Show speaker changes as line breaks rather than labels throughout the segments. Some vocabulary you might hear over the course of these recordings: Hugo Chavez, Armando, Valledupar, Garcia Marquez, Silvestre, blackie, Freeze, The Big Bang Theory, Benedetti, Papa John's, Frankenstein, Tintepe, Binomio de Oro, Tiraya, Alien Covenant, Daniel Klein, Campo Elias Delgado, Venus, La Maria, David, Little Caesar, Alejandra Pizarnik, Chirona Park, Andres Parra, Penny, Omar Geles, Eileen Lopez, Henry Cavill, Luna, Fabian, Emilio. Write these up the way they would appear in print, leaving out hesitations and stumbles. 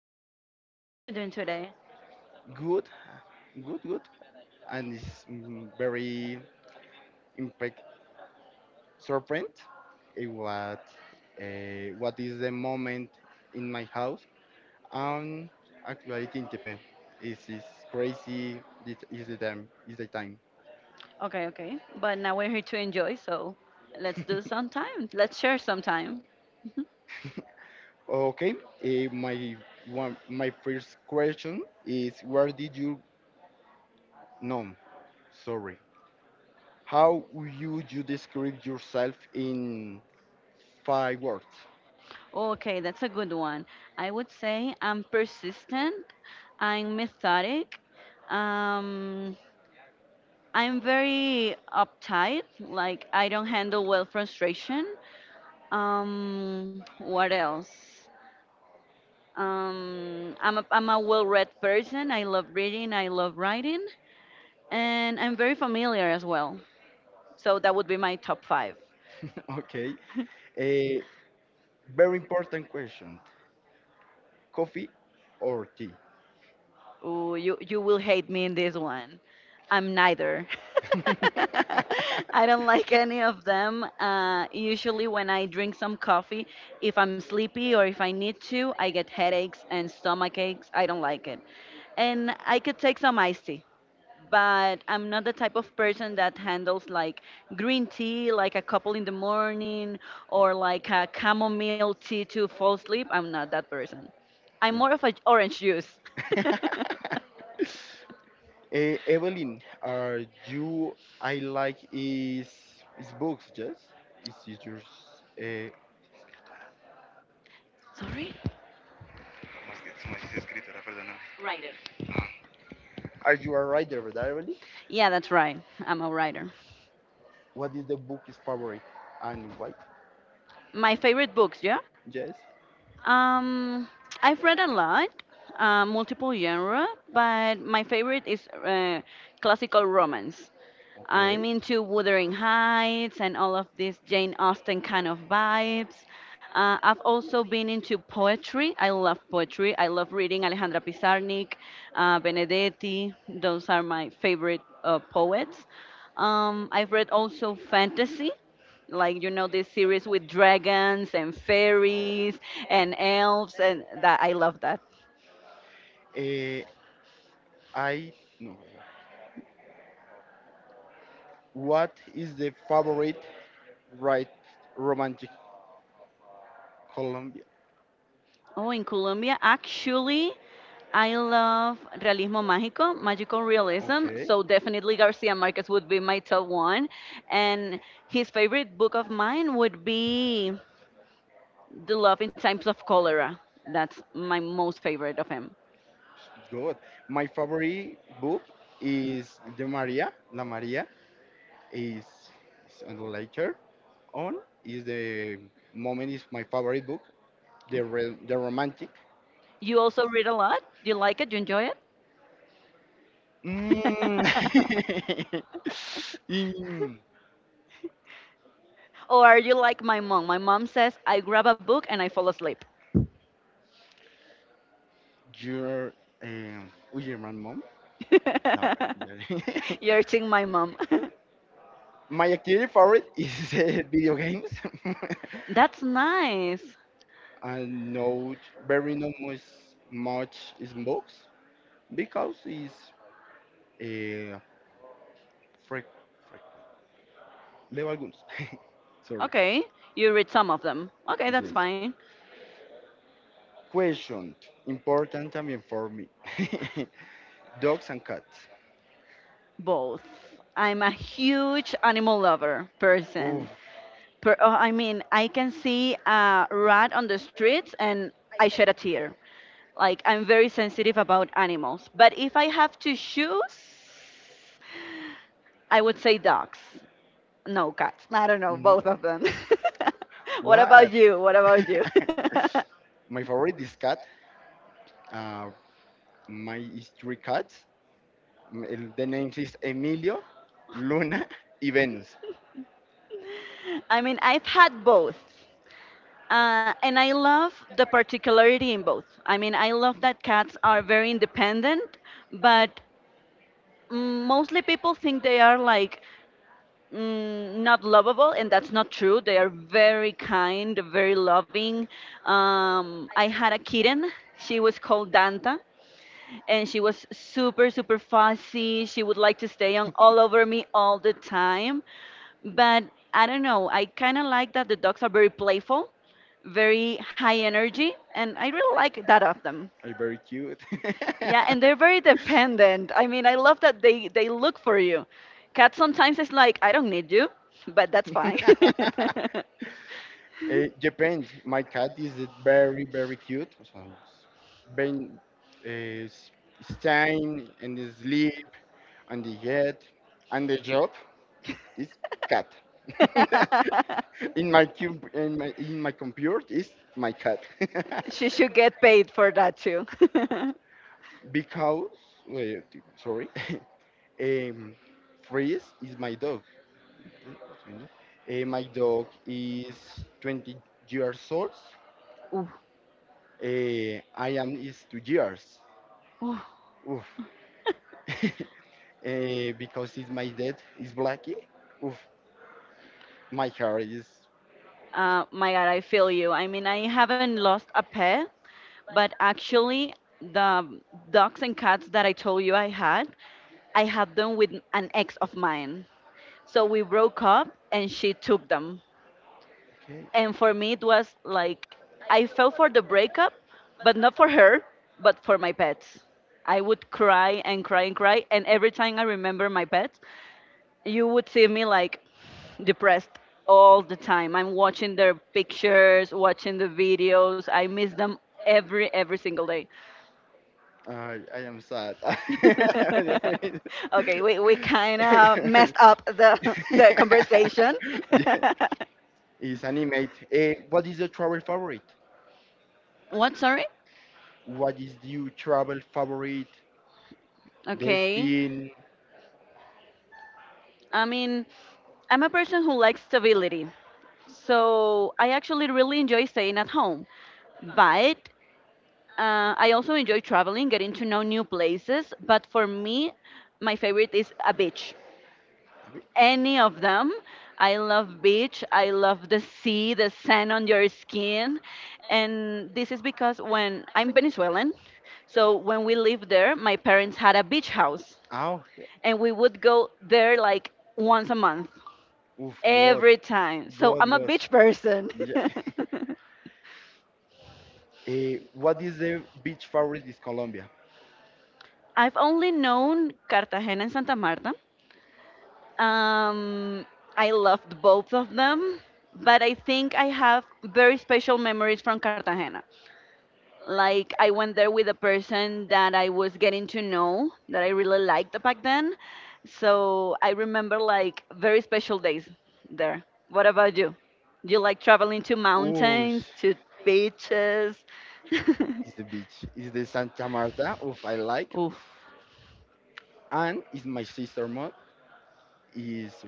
great. How are you doing today?
Good, good, good. And it's very impact surprised eh, what what is the moment in my house. Um, actually, Tintepe. It is crazy. It is the time. Is the time.
Okay, okay. But now we're here to enjoy, so let's do some time. Let's share some time.
Okay. eh, my my first question is where did you know? Sorry. How would you describe yourself in five words?
Okay, that's a good one. I would say I'm persistent, I'm methodic, um, I'm very uptight, like I don't handle well frustration. What else? I'm a well-read person. I love reading, I love writing. And I'm very familiar as well. So that would be my top five.
Okay. A very important question. Coffee or tea?
Ooh, you will hate me in this one. I'm neither. I don't like any of them. Usually, when I drink some coffee, if I'm sleepy or if I need to, I get headaches and stomach aches. I don't like it. And I could take some iced tea. But I'm not the type of person that handles like green tea, like a couple in the morning, or like a chamomile tea to fall asleep. I'm not that person. I'm more of a orange juice.
Evelyn, are you I like is books, yes? Is it yours? Uh,
Sorry? Writer.
are you a writer, right, Evelyn?
Yeah, that's right. I'm a writer.
What is the book is favorite and why?
My favorite books, yeah?
Yes.
Um, I've read a lot, multiple genre, but my favorite is classical romance. I'm
Okay.
into Wuthering Heights and all of these Jane Austen kind of vibes. I've also been into poetry. I love poetry. I love reading Alejandra Pizarnik, Benedetti. Those are my favorite poets. I've read also fantasy, like you know this series with dragons and fairies and elves, and that I love that.
Eh, I no. What is the favorite right romantic Colombia?
Oh, in Colombia, actually, I love realismo mágico, magical realism.
Okay,
So definitely Garcia Marquez would be my top one. And his favorite book of mine would be The Love in Times of Cholera. That's my most favorite of him.
good. My favorite book is the Maria. La Maria is, is and later on is the moment is my favorite book. The romantic.
You also read a lot? You like it? You enjoy it?
Mm. In-
Or are you like my mom? My mom says I grab a book and I fall asleep.
Your oh, your my mom? No.
You're seeing my mom.
my activity favorite is video games.
That's nice.
I know very not much much is books because it's uh, frequent. Level. Algunos. Sorry.
Okay, you read some of them. Okay, that's
Yes.
fine.
Question important también for me. Dogs and cats.
Both. I'm a huge animal lover
Oof,
person. Oh, I mean, I can see a rat on the streets and I shed a tear. Like, I'm very sensitive about animals. But if I have to choose, I would say dogs. No, cats. I don't know,
no.
both of them. What about
What?
you? What about you?
My favorite is cat. Uh, My is three cats. M- el- The names is Emilio, Luna, and Venus.
I mean, I've had both. And I love the particularity in both. I mean, I love that cats are very independent, but mostly people think they are like not lovable, and that's not true. They are very kind, very loving. I had a kitten. She was called Danta, and she was super super fussy. She would like to stay on all over me all the time, but I don't know, I kind of like that the dogs are very playful, very high energy, and I really like that of them.
Are very cute.
Yeah, and they're very dependent. I mean, I love that they look for you. Cats sometimes it's like I don't need you, but that's fine.
uh, Japan, my cat is very very cute. So, Ben uh, Stein and the sleep and the head and the job is cat. in my cube in my computer is my cat.
She should get paid for that too.
because wait, sorry, um, Freeze is my dog. My dog is 20 years old.
Ooh.
I am is 2 years. Oof. Eh, because it's my dad is blackie. Oof, my hair is
My God, I feel you. I mean, I haven't lost a pet, but actually, the dogs and cats that I told you I had them with an ex of mine. So we broke up and she took them.
okay.
And for me, it was like I fell for the breakup, but not for her, but for my pets. I would cry and cry and cry. And every time I remember my pets, you would see me like depressed all the time. I'm watching their pictures, watching the videos. I miss them every single day.
I am sad. yeah,
Okay, we kind of messed up the the conversation.
it's animate. What is your travel favorite?
What? Sorry.
What is your travel favorite
Okay.
destination?
I mean, I'm a person who likes stability, so I actually really enjoy staying at home, but I also enjoy traveling, getting to know new places, but for me, my favorite is a beach. Any of them. I love beach. I love the sea, the sand on your skin. And this is because when I'm Venezuelan, so when we lived there, my parents had a beach house
Oh,
and we would go there like once a month,
oof, God,
every time. So
God,
I'm a
God.
beach person.
Yeah. What is the beach favorite is Colombia?
I've only known Cartagena and Santa Marta. Um, I loved both of them, but I think I have very special memories from Cartagena. Like, I went there with a person that I was getting to know, that I really liked back then. So I remember like very special days there. What about you? Do you like traveling to
Oh, is
mountains, to beaches?
the beach. Is the Santa Marta, oof, I like.
Oof,
And is my sister mom is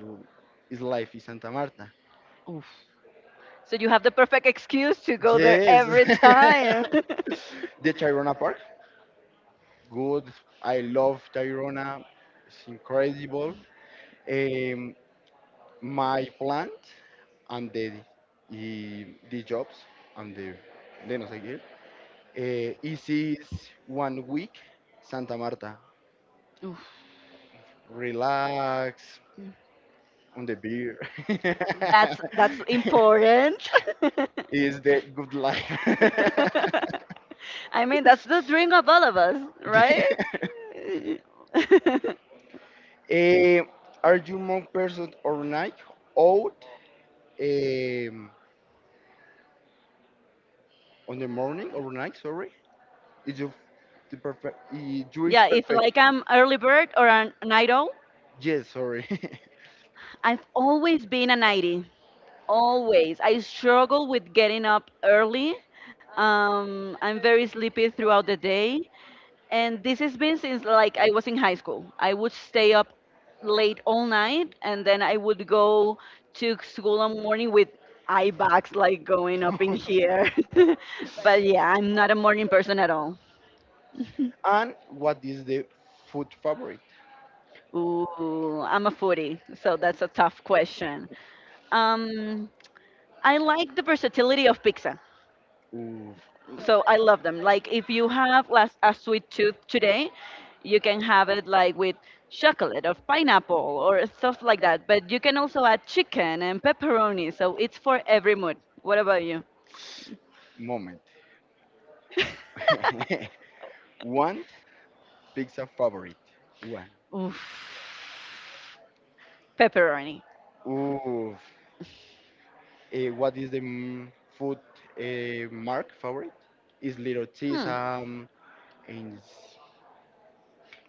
is life in Santa Marta.
oof. So you have the perfect excuse to go there
Yes.
every time.
the Chirona Park, good. I love Chirona. It's incredible. Um, my plant and the y- the jobs and the de no seguir this is 1 week Santa Marta
Oof.
relax on the beer
That's important.
is the good life.
I mean, that's the dream of all of us, right?
Eh, are you more person or night out um, on the morning or night sorry is you the perfect you is
Yeah, if
perfect.
like I'm early bird or a night owl,
Yes, sorry.
I've always been a nightie. Always. I struggle with getting up early. I'm very sleepy throughout the day. And this has been since like I was in high school. I would stay up late all night and then I would go to school in the morning with eye bags like going up in here. But yeah, I'm not a morning person at all.
and what is the food favorite?
Ooh, I'm a foodie, so that's a tough question. Um, I like the versatility of pizza.
Oof,
So I love them. Like if you have last a sweet tooth today, you can have it like with chocolate or pineapple or stuff like that. But you can also add chicken and pepperoni. So it's for every mood. What about you?
moment. One pizza favorite. One.
Oof. Pepperoni.
Oof. What is the food mark favorite? Is Little
Hmm.
Caesar and s-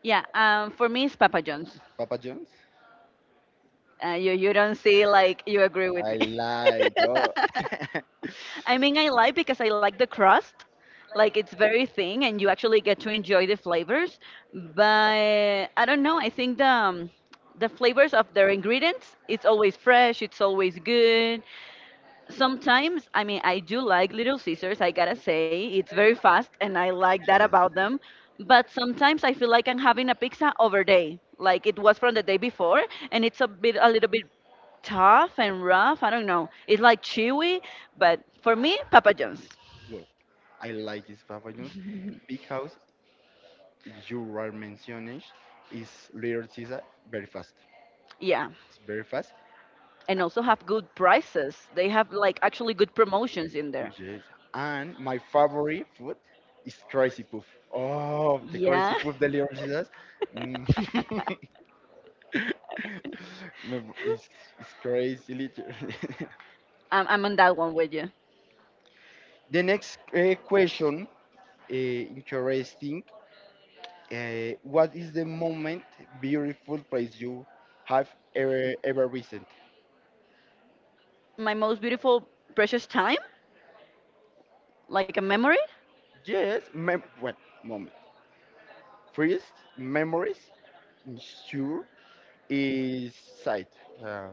Yeah. For me, it's Papa John's.
Papa John's?
You don't see like you agree with
I
me.
like. Oh. yes,
I mean, I like because I like the crust. Like it's very thin, and you actually get to enjoy the flavors. But I don't know. I think the flavors of their ingredients. It's always fresh. It's always good. Sometimes, I mean, I do like Little Caesars. I gotta say, it's very fast, and I like that about them. But sometimes I feel like I'm having a pizza over day. Like it was from the day before, and it's a little bit tough and rough. I don't know. It's like chewy, but for me, Papa John's.
good. I like his Papa John's because you are mentioning is Little Caesar very fast.
Yeah,
It's very fast.
and also have good prices. They have like actually good promotions in there.
Yes. And my favorite food is Crazy Puff. Oh, the
Yeah,
Crazy Puff, the Little Caesars. Mm. Me- it's crazy. Little.
I'm on that one with you.
the next question, interesting. What is the moment beautiful place you have ever visited?
My most beautiful, precious time, like a memory.
Yes, mem- well, moment. First, memories sure is site uh,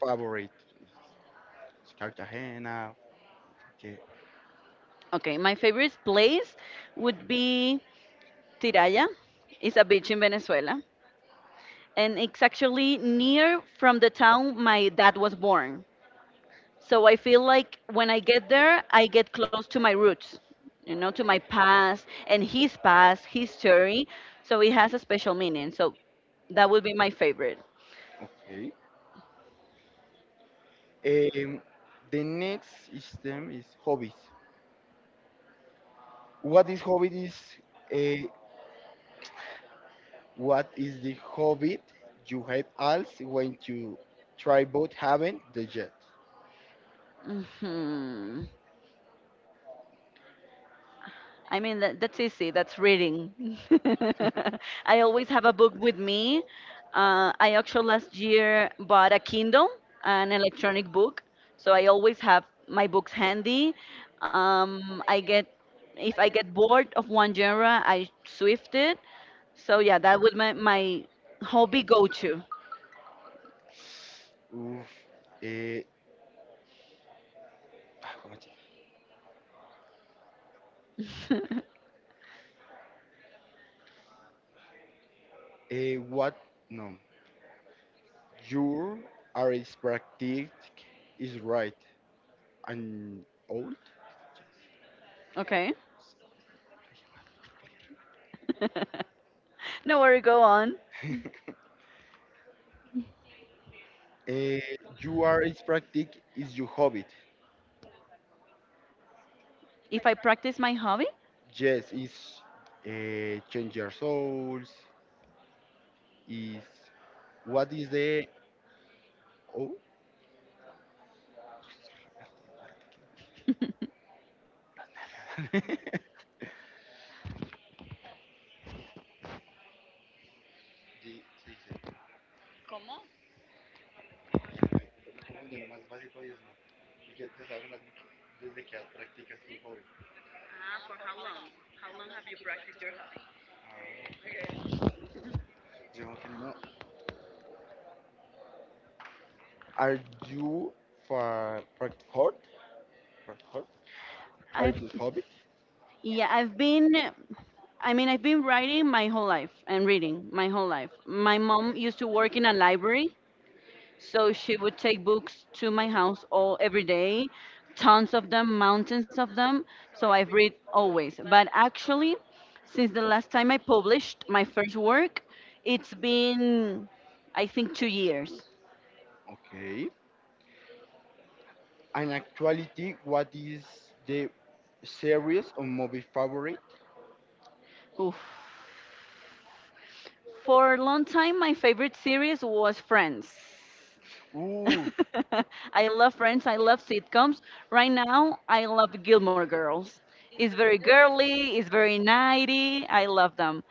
favorite is Cartagena. Okay,
Okay, my favorite place would be Tiraya. It's a beach in Venezuela. And it's actually near from the town my dad was born. So I feel like when I get there, I get close to my roots, to my past and his past, his story. So it has a special meaning. So that would be my favorite.
okay. Um, the next system is hobbies. What is hobby is uh, what is the hobby you have else when you try both, haven't the jet?
hmm I mean, that's easy. That's reading. I always have a book with me. I actually last year bought a Kindle, an electronic book. So I always have my books handy. Um, I get, if I get bored of one genre, I swift it. So yeah, that would my hobby go-to.
Oof. Eh, ¿Cómo se dice? What? No. Your are is practice is right and old.
Okay. No worry, go on.
Uh, you are Is practice is your hobby.
If I practice my hobby?
Yes, is change your souls. Is what is the oh? are you for practice. Are
I've
you hobby?
Yeah, I've been writing my whole life and reading my whole life. My mom used to work in a library, so she would take books to my house all every day, tons of them, mountains of them. So I've read always. But actually, since the last time I published my first work, it's been, I think, 2 years.
Okay. And actuality, what is the series or movie favorite?
Oof. For a long time, my favorite series was Friends.
Ooh,
I love Friends. I love sitcoms. Right now, I love Gilmore Girls. It's very girly. It's very nighty. I love them.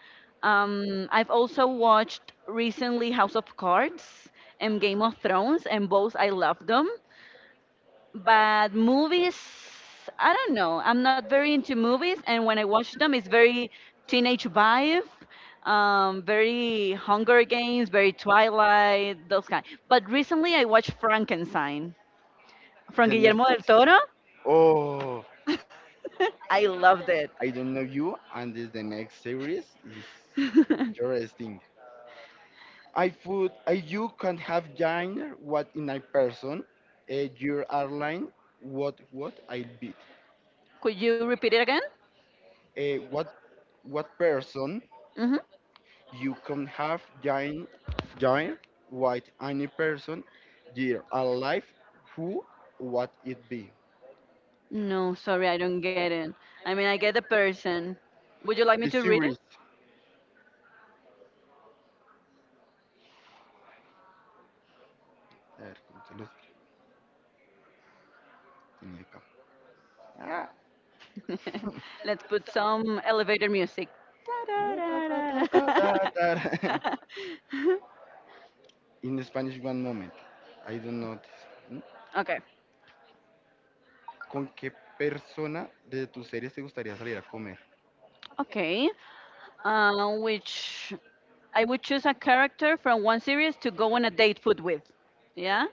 I've also watched recently House of Cards and Game of Thrones, and both I love them. But movies, I don't know. I'm not very into movies, and when I watch them, it's very teenage vibe, very Hunger Games, very Twilight, those kind. But recently, I watched Frankenstein from
the
Guillermo del
Netflix.
Toro.
Oh,
I loved it.
I don't know you, and this the next series is interesting. I food I you can have dinner what in a person your airline what I'll be
Could you repeat it again?
uh, what what person
hmm
you can have dinner dinner what any person your alive who what it be
No, sorry, I don't get it. I mean, I get the person. Would you like
the
me to read
series.
it?
A ver, ¿cómo se los tenía acá? Ah.
Let's put some elevator music.
Ta, ta, ta, ta,
Da-da-da-da.
ta, ta, ta. in Spanish one moment I don't know this.
Okay.
¿Con qué persona de tus series te gustaría salir a comer?
Okay. Which I would choose a character from one series to go on a date food with. Yeah?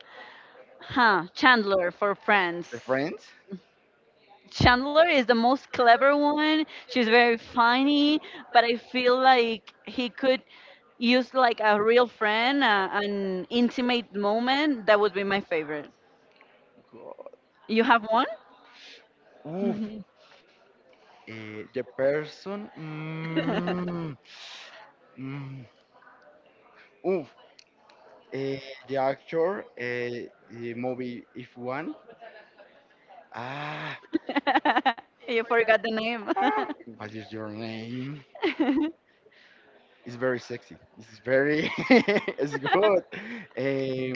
Huh. Chandler for Friends.
¿The Friends?
Chandler is the most clever one. She's very funny, but I feel like he could use like a real friend, an intimate moment. That would be my favorite.
God.
You have one?
Uf.
Mhm.
The Person. Mm, uf. eh, the Actor. The movie If One. Ah.
You forgot the name.
ah, What is your name? It's very sexy. It's very. it's good.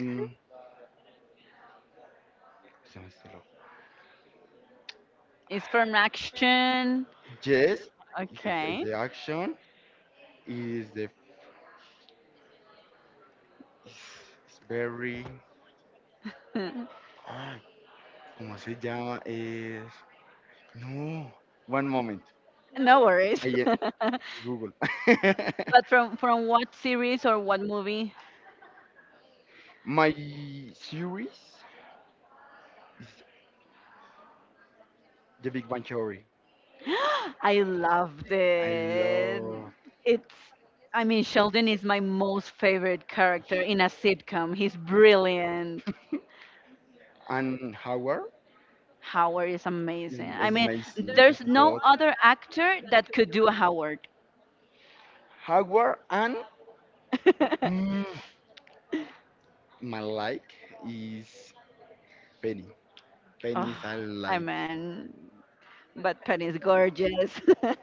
Um. Se me cerró.
It's from Action.
Yes. It's,
Okay.
the action. Is the. It's very. Ah, ¿Cómo se llama? Es... No, one moment.
No worries.
Ahí es Google.
But from what series or what movie?
My series is The Big Bang Theory.
I loved
I
it.
love
It's I mean Sheldon is my most favorite character in a sitcom. He's brilliant.
and Howard
Howard is amazing. I
is
mean,
amazing.
there's
It's
no
good.
other actor that could do a Howard.
Howard and mm, my like is Penny. Penny
Oh,
is I
I
like.
mean, but Penny's gorgeous.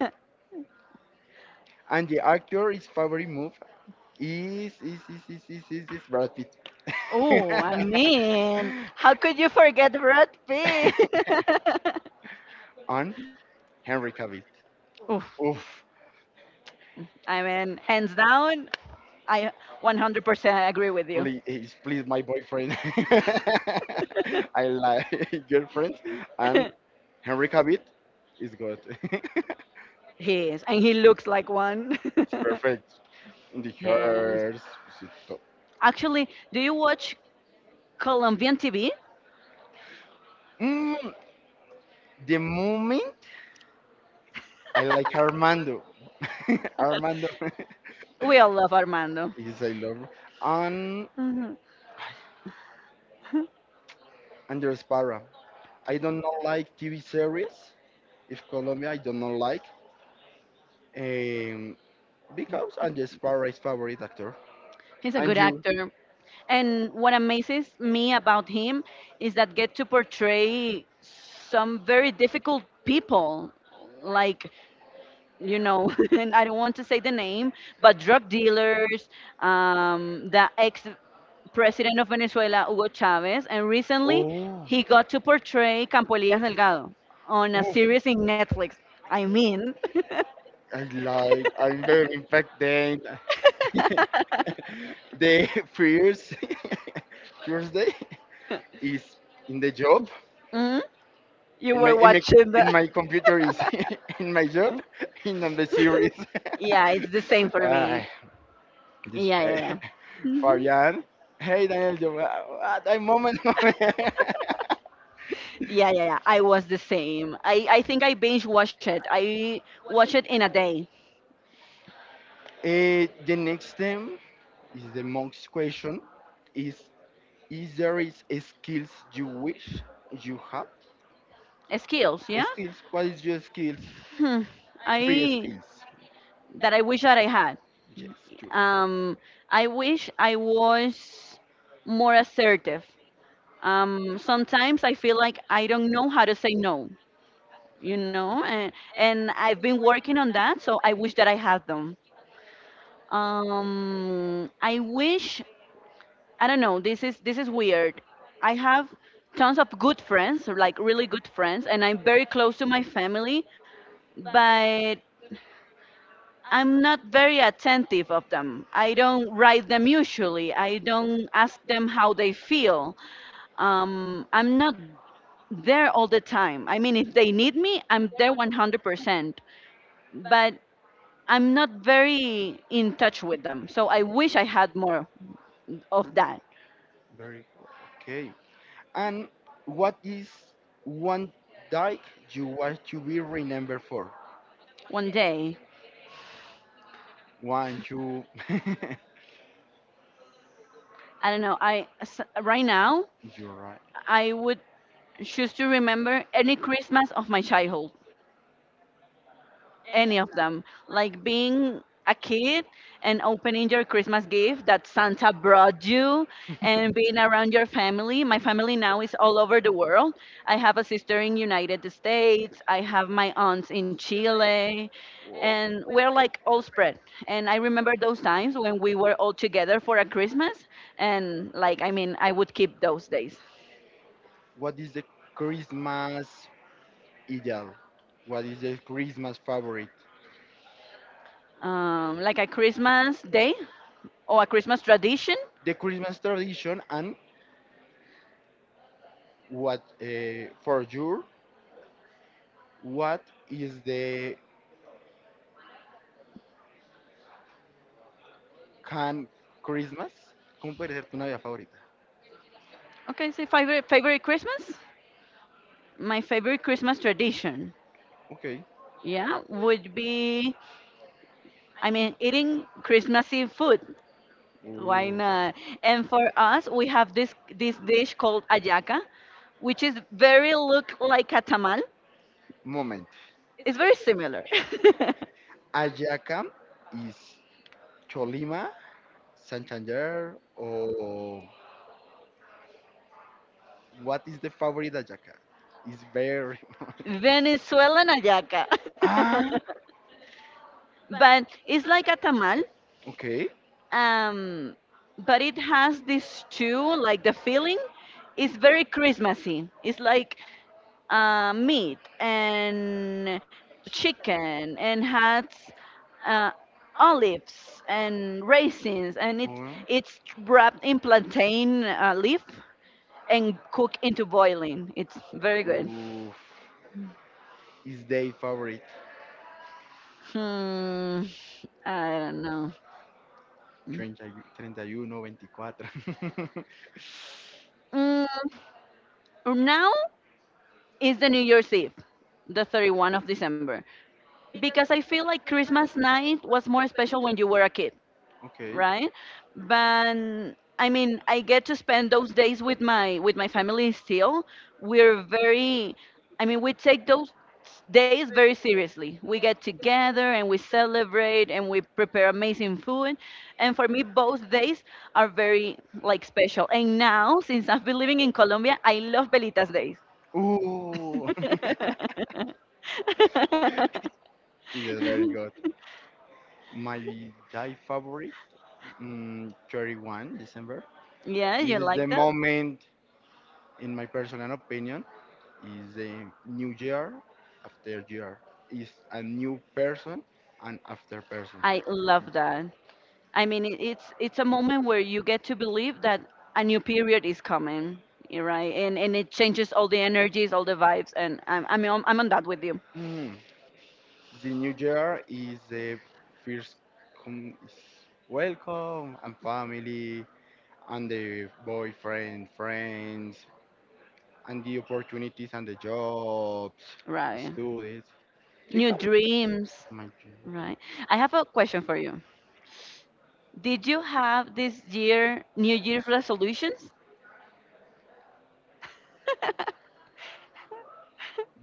And the actor is favorite move is Brad Pitt.
Oh, I mean, how could you forget Brad Pitt?
I'm Henry Cavill.
Oh,
Oof,
I mean, hands down, I 100% agree with you.
please, please, my boyfriend. I like girlfriend, and Henry Cavill is good. it's
He is, and he looks like one.
perfect. The
He is.
hairs. It's top.
Actually, do you watch Colombian TV?
Mm, the moment I like Armando. Armando
We all love Armando.
is I love and
Mhm.
Andres Parra. I don't know like TV series. If Colombia, I don't know like um, because Andres Parra is favorite actor.
He's a
And
good
you?
actor. And what amazes me about him is that get to portray some very difficult people, like, you know, and I don't want to say the name, but drug dealers, the ex president of Venezuela, Hugo Chavez, and recently
Oh.
he got to portray Campo Elias Delgado on a
Oof,
series in Netflix. I mean,
I like, I'm very infected. The first Tuesday is in the job.
mhm. You
In
were
my in my,
watching the.
in my computer is in my job. In on the series.
Yeah, it's the same for me.
Ah, This
Yeah, yeah, yeah. Mhm.
Fabian. Hey Daniel, yo, moment.
Yeah, yeah, yeah. I was the same. I think I binge watched it. I watched it in a day.
The next thing is the most question is is there is a skills you wish you had?
Skills, yeah?
Skills, what is your skills?
Hmm.
Three
I,
skills.
that I wish that I had.
Yes, three.
Um, I wish I was more assertive. Sometimes I feel like I don't know how to say no. You know, and I've been working on that, so I wish that I had them. I wish, I don't know. This is weird. I have tons of good friends, like really good friends, and I'm very close to my family, but I'm not very attentive of them. I don't write them usually. I don't ask them how they feel. I'm not there all the time. I mean, if they need me, I'm there 100%. But I'm not very in touch with them. So I wish I had more of that.
Very good. Okay. And what is one day you want to be remembered for?
One day.
One, two.
I don't know. Right now
You're right.
I would choose to remember any Christmas of my childhood. Any of them. Like being a kid and opening your Christmas gift that Santa brought you and being around your family. My family now is all over the world. I have a sister in United States. I have my aunts in Chile,
Wo-
and we're like all spread. And I remember those times when we were all together for a Christmas, and like, I mean, I would keep those days.
What is the Christmas ideal? What is the Christmas favorite?
Like a Christmas day or a Christmas tradition?
The Christmas tradition and what for you? What is the can Christmas? ¿Cómo puede ser tu Navidad favorita?
Okay, so favorite favorite Christmas? My favorite Christmas tradition,
Okay.
yeah, would be, I mean, eating Christmassy food.
Uh,
Why not? And for us, we have this dish called ayaca, which is very look like a tamal.
moment.
It's very similar.
Ayaca is Cholima, Santander, or what is the favorite Ayaca? It's very.
Venezuelan ayaca.
ah,
But it's like a tamal,
okay.
um but it has this too, like the filling, is very Christmassy. It's like meat and chicken and had uh, olives and raisins, and it
Or
it's wrapped in plantain leaf and cooked into boiling. It's very good.
Uf, is their favorite.
Hmm, I don't know.
30, 31, 24.
Mm, now is the New Year's Eve, the 31 of December, because I feel like Christmas night was more special when you were a kid.
okay.
Right? But I mean, I get to spend those days with my family still. We're very, I mean, we take those days very seriously. We get together and we celebrate and we prepare amazing food. And for me, both days are very like special. And now, since I've been living in Colombia, I love Belitas days.
Ooh, it is very good. My die favorite, 31 December.
Yeah, you
This is the
like them?
moment, in my personal opinion, is a new year after year. Is a new person and after person.
I love that. I mean, it's a moment where you get to believe that a new period is coming, right? And it changes all the energies, all the vibes, and I'm on that with you,
The new year is the first com- is welcome and family and the boyfriend, friends, and the opportunities and the jobs,
right?
studies.
New
Because
dreams,
my dream.
right? I have a question for you. Did you have this year New Year's resolutions?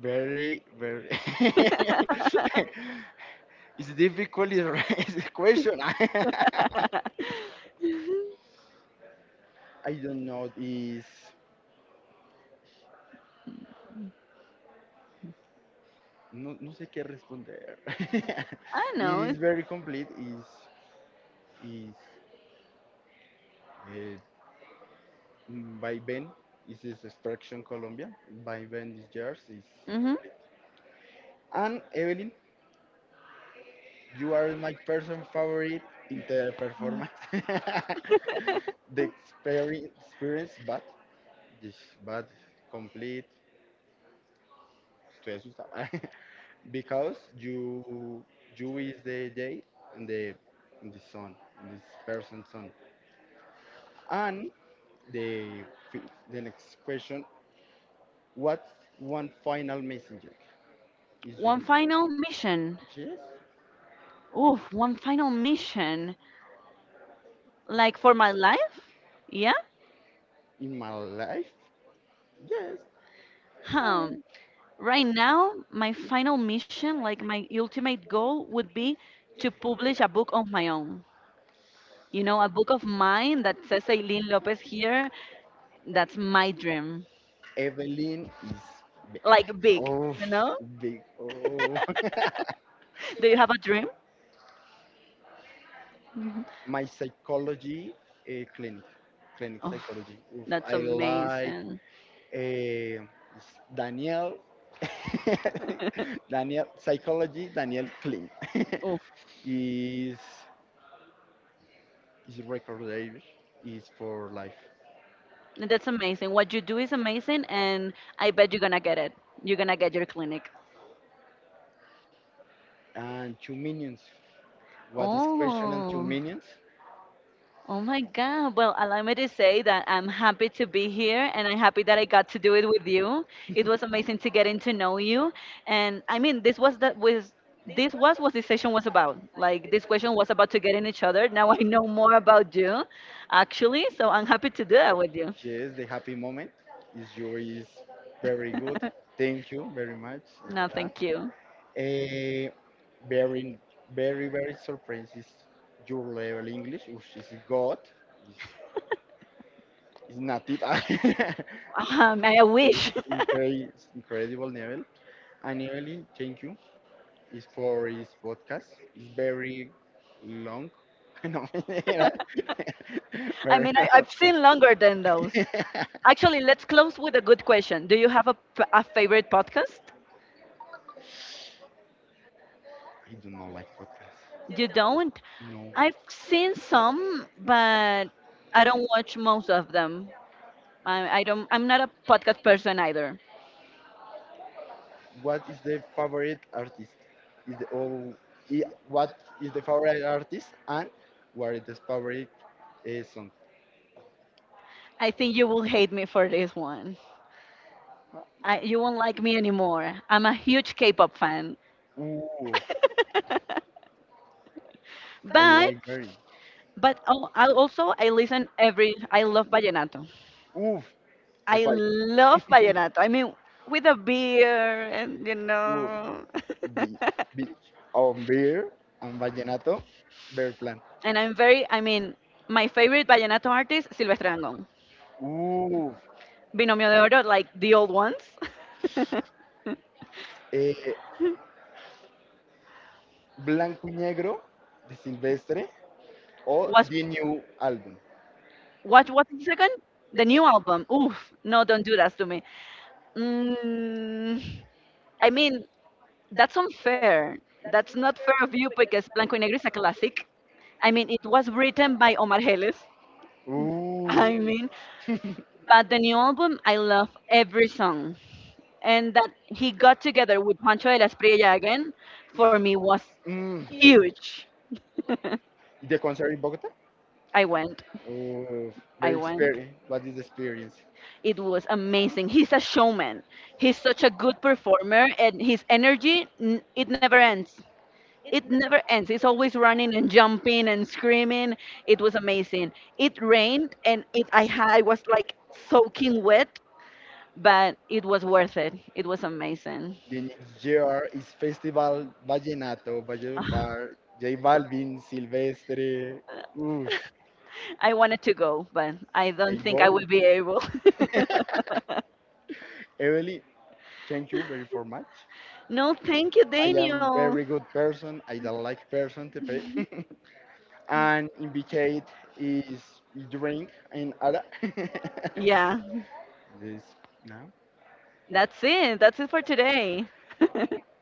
Very very. it's difficult to raise question. I don't know is no, no sé qué responder.
I
it
know.
is
It's,
very complete. Is By Ben is his Extraction Colombia. By Ben this yours is
mhm.
complete. And Evelyn, you are my person favorite in the performance. the experi- experience, but this but complete. Estoy asustado. because you is the day and the and the sun and this person's sun. And the fi- the next question: What's one final messenger? Is
One
you.
final mission.
Yes,
Oof, one final mission. Like for my life? Yeah.
in my life, yes. I
Um,
mean,
right now, my final mission, like my ultimate goal, would be to publish a book of my own. You know, a book of mine that says Eileen Lopez here. That's my dream.
Evelyn is big.
Like big,
Oh,
you know?
big. Oh,
Do you have a dream? Mhm.
my psychology clinic, clinic
Oh,
psychology. Oof,
that's
I like
amazing.
uh, Daniel. Daniel psychology. Daniel Klein
Oh,
is is record label is for life
that's amazing. What you do is amazing, and I bet you're gonna get it. You're gonna get your clinic.
and two minions. What is question and two
Oh.
minions?
Oh my God. Well, allow me to say that I'm happy to be here and I'm happy that I got to do it with you. It was amazing to getting to know you. And I mean, this was what this session was about. Like this question was about to get in each other. Now I know more about you, actually. So I'm happy to do that with you.
Yes, the happy moment is yours. Very good. Thank you very much.
No, thank you.
A very, very, very surprised is your level English, which is God, is, is native.
I
it's
wish.
incredible, incredible level. And Evelyn, thank you is for his podcast. It's very long. no,
I
very
mean, I,
long.
I've seen longer than those.
I
Actually, let's close with a good question. Do you have a, a favorite podcast?
do not like podcasts.
You don't?
No.
I've seen some, but I don't watch most of them. I don't. I'm not a podcast person either.
What is the favorite artist? Is the oh, I- what is the favorite artist and what is the favorite song?
I think you will hate me for this one. I, you won't like me anymore. I'm a huge K-pop fan.
Ooh, I
but
like very.
but oh, I also I listen every. I love vallenato.
Oof, high I
I
five.
love vallenato. I mean, with a beer and you
Oof,
know.
big, big. On beer and vallenato, beer plan.
And I'm very, I mean, my favorite vallenato artist, Silvestre Dangond.
Oof,
Binomio de Oro, like the old ones.
eh, blanco y negro de Silvestre o
What's
the new album.
what? The second? The new album. Oof, no, don't do that to me. Mm, I mean, that's unfair. That's not fair of you, because Blanco y Negro is a classic. I mean, it was written by Omar Geles.
Ooh,
I mean, but the new album, I love every song. And that he got together with Juancho de las Priella again, for me was
mm,
huge.
The concert in Bogota?
I went.
Oh,
I
very
went.
experience. What is the experience?
It was amazing. He's a showman. He's such a good performer, and his energy, it never ends. It never ends. He's always running and jumping and screaming. It was amazing. It rained, and it I had I was like soaking wet, but it was worth it. It was amazing.
The next year is Festival Vallenato, Valledupar, J Balvin, Silvestre. Oof,
I wanted to go, but I
I
don't think I
go.
will be able.
Evelyn, thank you very for much.
No, thank you,
I am
Daniel.
very good person. I don't like person to pay. and invite is drink and other.
Yeah,
This now.
that's it. That's it for today.